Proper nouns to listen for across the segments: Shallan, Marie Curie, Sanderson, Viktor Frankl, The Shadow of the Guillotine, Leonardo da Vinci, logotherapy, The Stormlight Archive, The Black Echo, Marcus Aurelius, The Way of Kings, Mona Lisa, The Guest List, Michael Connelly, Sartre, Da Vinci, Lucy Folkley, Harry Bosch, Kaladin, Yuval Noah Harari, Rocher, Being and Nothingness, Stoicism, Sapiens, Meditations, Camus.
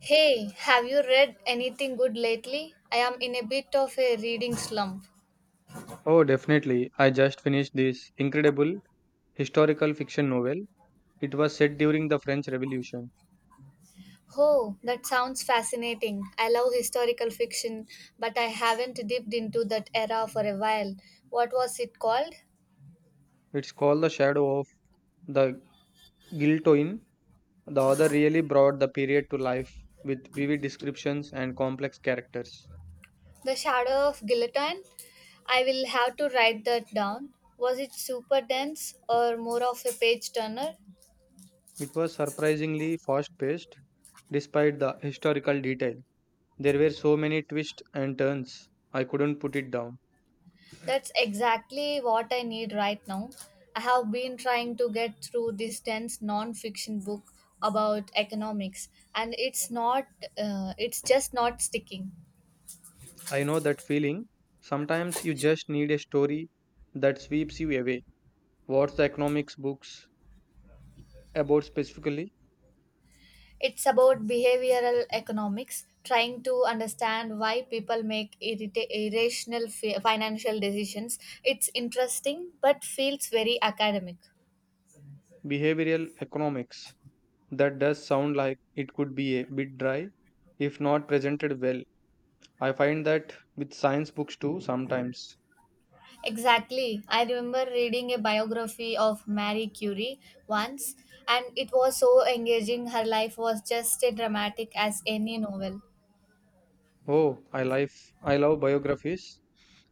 Hey, have you read anything good lately? I am in a bit of a reading slump. Oh, definitely. I just finished this incredible historical fiction novel. It was set during the French Revolution. Oh, that sounds fascinating. I love historical fiction, but I haven't dipped into that era for a while. What was it called? It's called The Shadow of the Guillotine. The author really brought the period to life with vivid descriptions and complex characters. The Shadow of Guillotine? I will have to write that down. Was it super dense or more of a page turner? It was surprisingly fast paced despite the historical detail. There were so many twists and turns. I couldn't put it down. That's exactly what I need right now. I have been trying to get through this dense non-fiction book about economics and it's not it's just not sticking. I know that feeling. Sometimes you just need a story that sweeps you away. What's the economics books? About specifically It's about behavioral economics, trying to understand why people make irrational financial decisions. It's interesting but feels very academic. behavioral economics. That does sound like it could be a bit dry if not presented well. I find that with science books too sometimes. Exactly. I remember reading a biography of Marie Curie once, and it was so engaging. Her life was just as dramatic as any novel. Oh, I love biographies.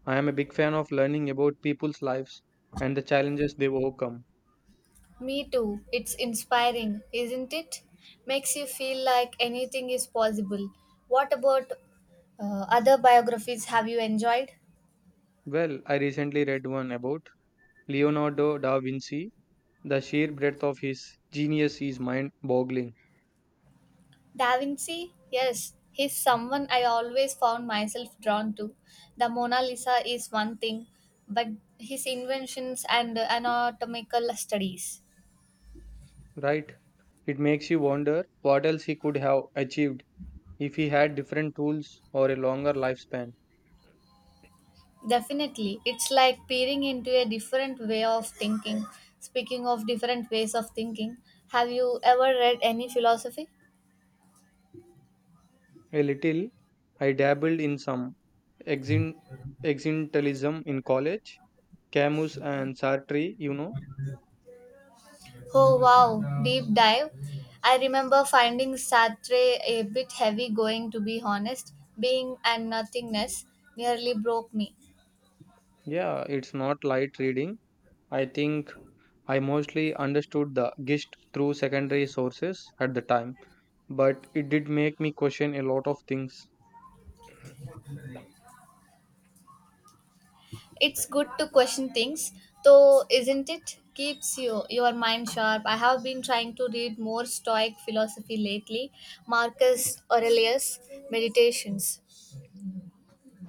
I am a big fan of learning about people's lives and the challenges they've overcome. Me too. It's inspiring, isn't it? Makes you feel like anything is possible. What about other biographies have you enjoyed? Well, I recently read one about Leonardo da Vinci. The sheer breadth of his genius is mind boggling, Da Vinci? Yes, he's someone I always found myself drawn to. The Mona Lisa is one thing, but his inventions and anatomical studies. right? It makes you wonder what else he could have achieved if he had different tools or a longer lifespan. Definitely, it's like peering into a different way of thinking. Speaking of different ways of thinking, have you ever read any philosophy? A little. I dabbled in some exin- existentialism in college, Camus and Sartre, you know. Oh wow, deep dive. I remember finding Sartre a bit heavy going to be honest. Being and nothingness nearly broke me. Yeah, it's not light reading. I think I mostly understood the gist through secondary sources at the time, but it did make me question a lot of things. It's good to question things, though, isn't it? Keeps your mind sharp. I have been trying to read more Stoic philosophy lately. Marcus Aurelius' Meditations.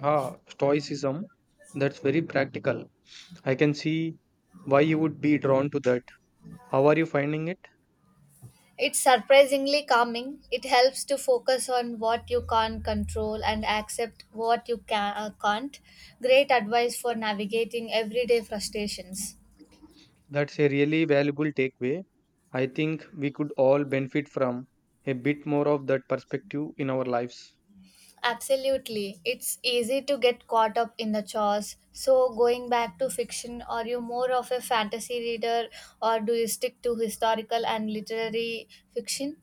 Ah, Stoicism, that's very practical. I can see why you would be drawn to that. How are you finding it? It's surprisingly calming. It helps to focus on what you can't control and accept what you can't. Great advice for navigating everyday frustrations. That's a really valuable takeaway. I think we could all benefit from a bit more of that perspective in our lives. Absolutely. It's easy to get caught up in the chores. So, going back to fiction, are you more of a fantasy reader or do you stick to historical and literary fiction?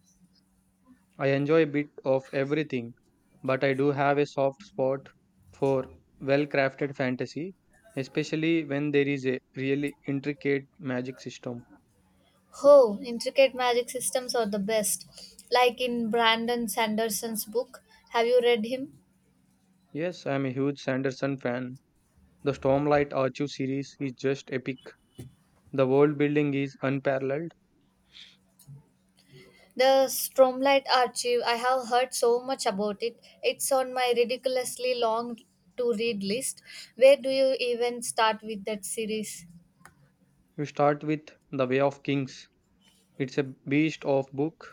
I enjoy a bit of everything, but I do have a soft spot for well crafted fantasy, especially when there is a really intricate magic system. Oh, intricate magic systems are the best. Like in Brandon Sanderson's book. Have you read him? Yes, I am a huge Sanderson fan. The Stormlight Archive series is just epic. The world building is unparalleled. The Stromlight Archive, I have heard so much about it. It's on my ridiculously long to read list. Where do you even start with that series? You start with The Way of Kings, it's a beast of book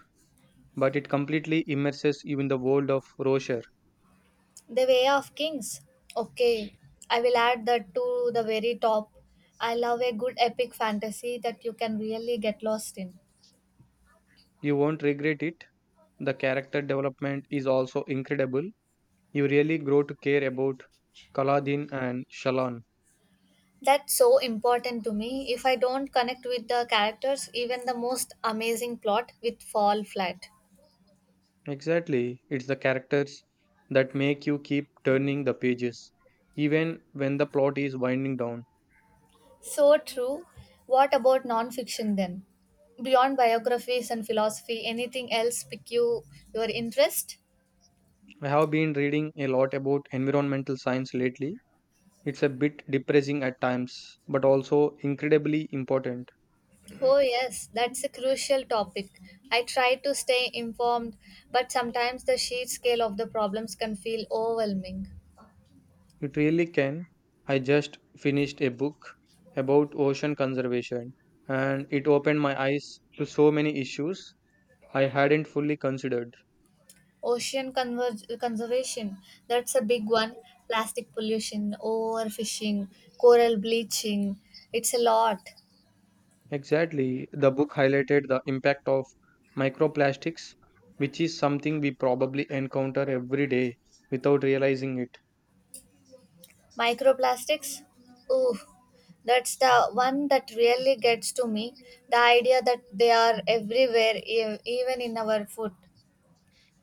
but it completely immerses you in the world of Rocher. The Way of Kings. Okay, I will add that to the very top. I love a good epic fantasy that you can really get lost in. You won't regret it. The character development is also incredible. You really grow to care about Kaladin and Shallan. That's so important to me. If I don't connect with the characters, even the most amazing plot will fall flat. Exactly, it's the characters that make you keep turning the pages, even when the plot is winding down. So true. What about non-fiction then? Beyond biographies and philosophy, anything else pique your interest? I have been reading a lot about environmental science lately. It's a bit depressing at times, but also incredibly important. Oh, yes, that's a crucial topic. I try to stay informed, but sometimes the sheer scale of the problems can feel overwhelming. It really can. I just finished a book about ocean conservation and it opened my eyes to so many issues I hadn't fully considered. Conservation, that's a big one. Plastic pollution, overfishing, coral bleaching, it's a lot. Exactly. The book highlighted the impact of microplastics, which is something we probably encounter every day without realizing it. Microplastics, ooh, that's the one that really gets to me. The idea that they are everywhere, even in our food.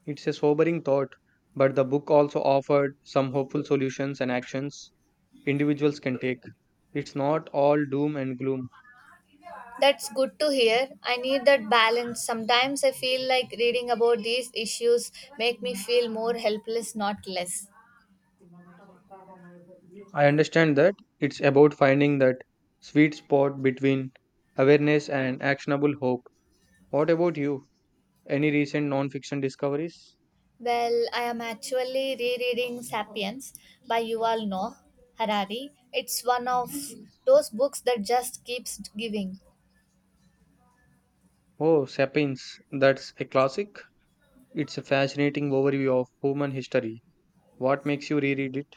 It's a sobering thought, but the book also offered some hopeful solutions and actions individuals can take. It's not all doom and gloom. That's good to hear. I need that balance. Sometimes I feel like reading about these issues make me feel more helpless, not less. I understand that it's about finding that sweet spot between awareness and actionable hope. What about you? Any recent non-fiction discoveries? Well, I am actually rereading Sapiens by Yuval Noah Harari. It's one of those books that just keeps giving. Oh, Sapiens, that's a classic. It's a fascinating overview of human history. What makes you reread it?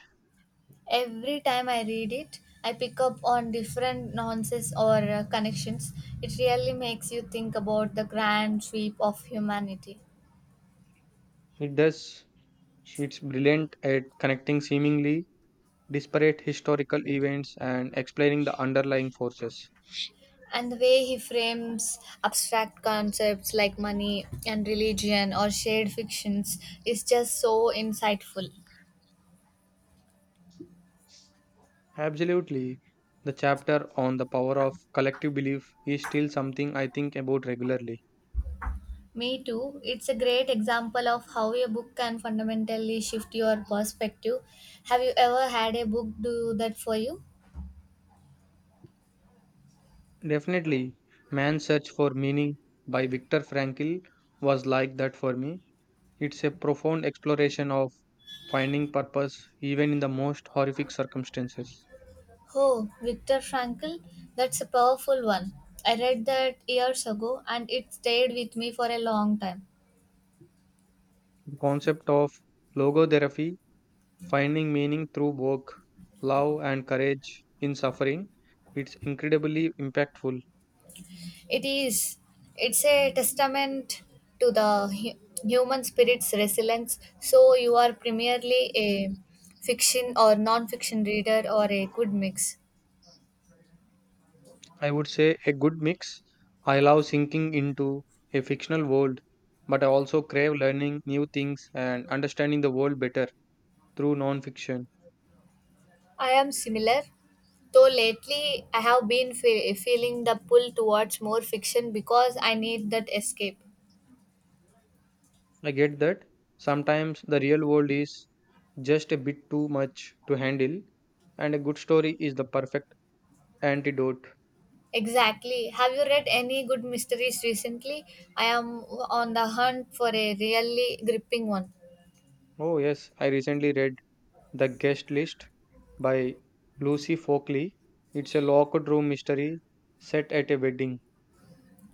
Every time I read it, I pick up on different nuances or connections. It really makes you think about the grand sweep of humanity. It does. It's brilliant at connecting seemingly disparate historical events and explaining the underlying forces. And the way he frames abstract concepts like money and religion or shared fictions is just so insightful. Absolutely. The chapter on the power of collective belief is still something I think about regularly. Me too. It's a great example of how a book can fundamentally shift your perspective. Have you ever had a book do that for you? Definitely, Man's Search for Meaning by Viktor Frankl was like that for me. It's a profound exploration of finding purpose even in the most horrific circumstances. Oh, Viktor Frankl, that's a powerful one. I read that years ago and it stayed with me for a long time. The concept of logotherapy, finding meaning through work, love, and courage in suffering, it's incredibly impactful. It is. It's a testament to the human spirit's resilience. So you are primarily a fiction or non-fiction reader or a good mix. I would say a good mix. I love sinking into a fictional world, but I also crave learning new things and understanding the world better through non-fiction. I am similar, though lately I have been feeling the pull towards more fiction because I need that escape. I get that sometimes the real world is just a bit too much to handle, and a good story is the perfect antidote. Exactly. Have you read any good mysteries recently? I am on the hunt for a really gripping one. Oh, yes, I recently read The Guest List by Lucy Folkley. It's a locked room mystery set at a wedding.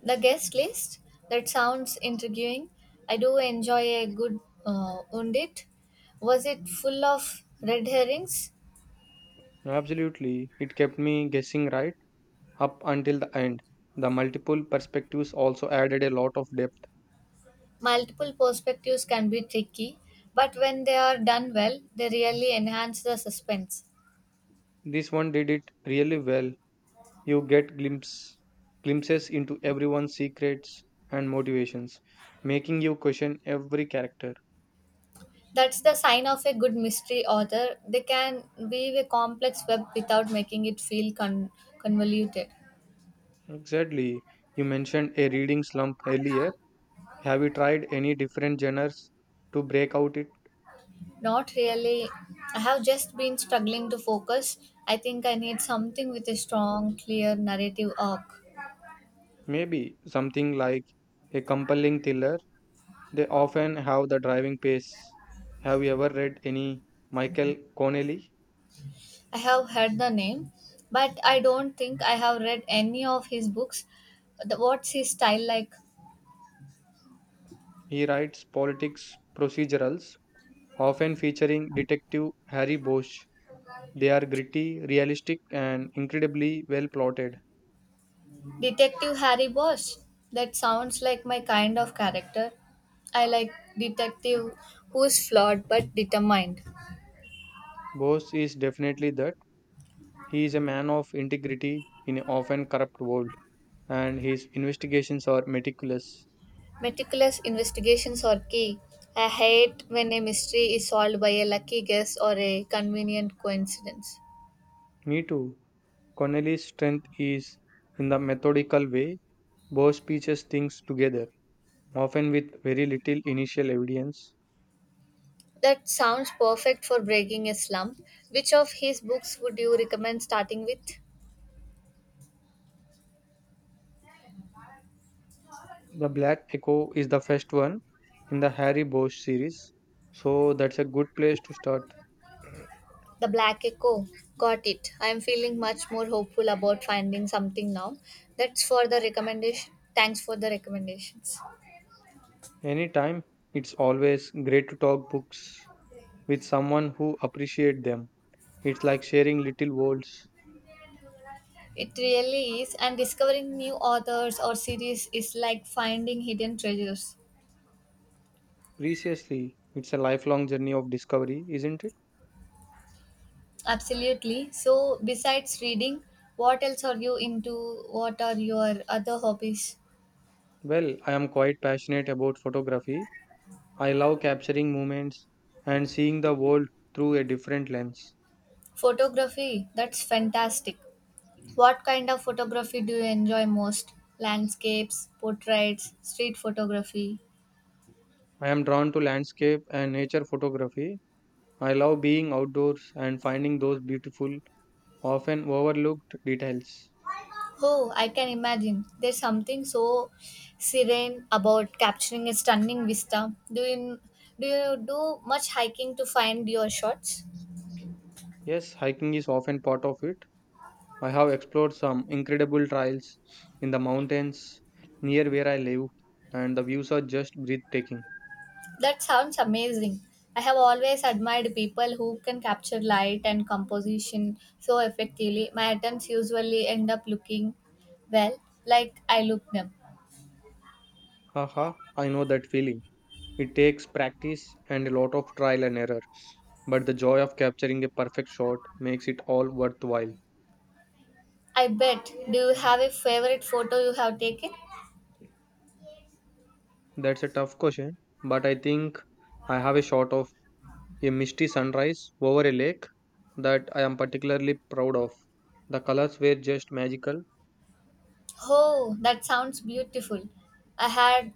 The guest list? That sounds intriguing. I do enjoy a good undit. Was it full of red herrings? Absolutely, it kept me guessing right up until the end. The multiple perspectives also added a lot of depth. Multiple perspectives can be tricky, but when they are done well, they really enhance the suspense. This one did it really well. You get glimpses into everyone's secrets and motivations, making you question every character. That's the sign of a good mystery author. They can weave a complex web without making it feel convoluted. Exactly. You mentioned a reading slump earlier. Have you tried any different genres to break out it? Not really. I have just been struggling to focus. I think I need something with a strong, clear narrative arc. Maybe something like a compelling thriller. They often have the driving pace. Have you ever read any Michael Connelly? I have heard the name, but I don't think I have read any of his books. What's his style like? He writes politics procedurals, often featuring Detective Harry Bosch. They are gritty, realistic, and incredibly well plotted. Detective Harry Bosch. That sounds like my kind of character. I like detective who's flawed but determined. Bose is definitely that. He is a man of integrity in an often corrupt world, and his investigations are meticulous. Meticulous investigations are key. I hate when a mystery is solved by a lucky guess or a convenient coincidence. Me too. Connelly's strength is in the methodical way Bose pieces things together, often with very little initial evidence. That sounds perfect for breaking a slump. Which of his books would you recommend starting with? The Black Echo is the first one in the Harry Bose series, so that's a good place to start. The Black Echo. Got it. I am feeling much more hopeful about finding something now. That's for the recommendation. Thanks for the recommendations. Anytime, it's always great to talk books with someone who appreciates them. It's like sharing little worlds. It really is, and discovering new authors or series is like finding hidden treasures. Preciously, it's a lifelong journey of discovery, isn't it? Absolutely. So, besides reading, what else are you into? What are your other hobbies? Well, I am quite passionate about photography. I love capturing moments and seeing the world through a different lens. Photography. That's fantastic. What kind of photography do you enjoy most? Landscapes, portraits, street photography. I am drawn to landscape and nature photography. I love being outdoors and finding those beautiful, often overlooked details. Oh, I can imagine. There's something so serene about capturing a stunning vista. Do you do you do much hiking to find your shots? Yes, hiking is often part of it. I have explored some incredible trails in the mountains near where I live, and the views are just breathtaking. That sounds amazing. I have always admired people who can capture light and composition so effectively. My attempts usually end up looking well, like I look them. Haha, I know that feeling. It takes practice and a lot of trial and error, but the joy of capturing a perfect shot makes it all worthwhile. I bet. Do you have a favorite photo you have taken? That's a tough question, but I think I have a shot of a misty sunrise over a lake that I am particularly proud of. The colors were just magical. Oh, that sounds beautiful. I had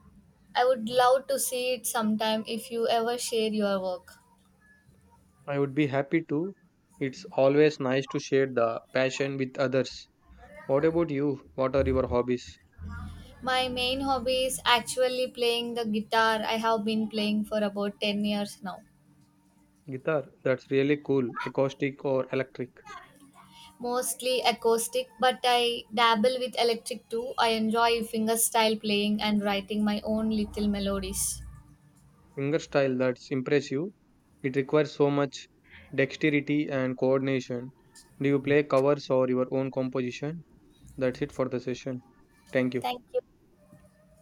I would love to see it sometime if you ever share your work. I would be happy to. It's always nice to share the passion with others. What about you? What are your hobbies? My main hobby is actually playing the guitar. I have been playing for about 10 years now. Guitar, that's really cool. Acoustic or electric? Mostly acoustic, but I dabble with electric too. I enjoy fingerstyle playing and writing my own little melodies. Finger style, that's impressive. It requires so much dexterity and coordination. Do you play covers or your own composition? That's it for the session. Thank you. Thank you.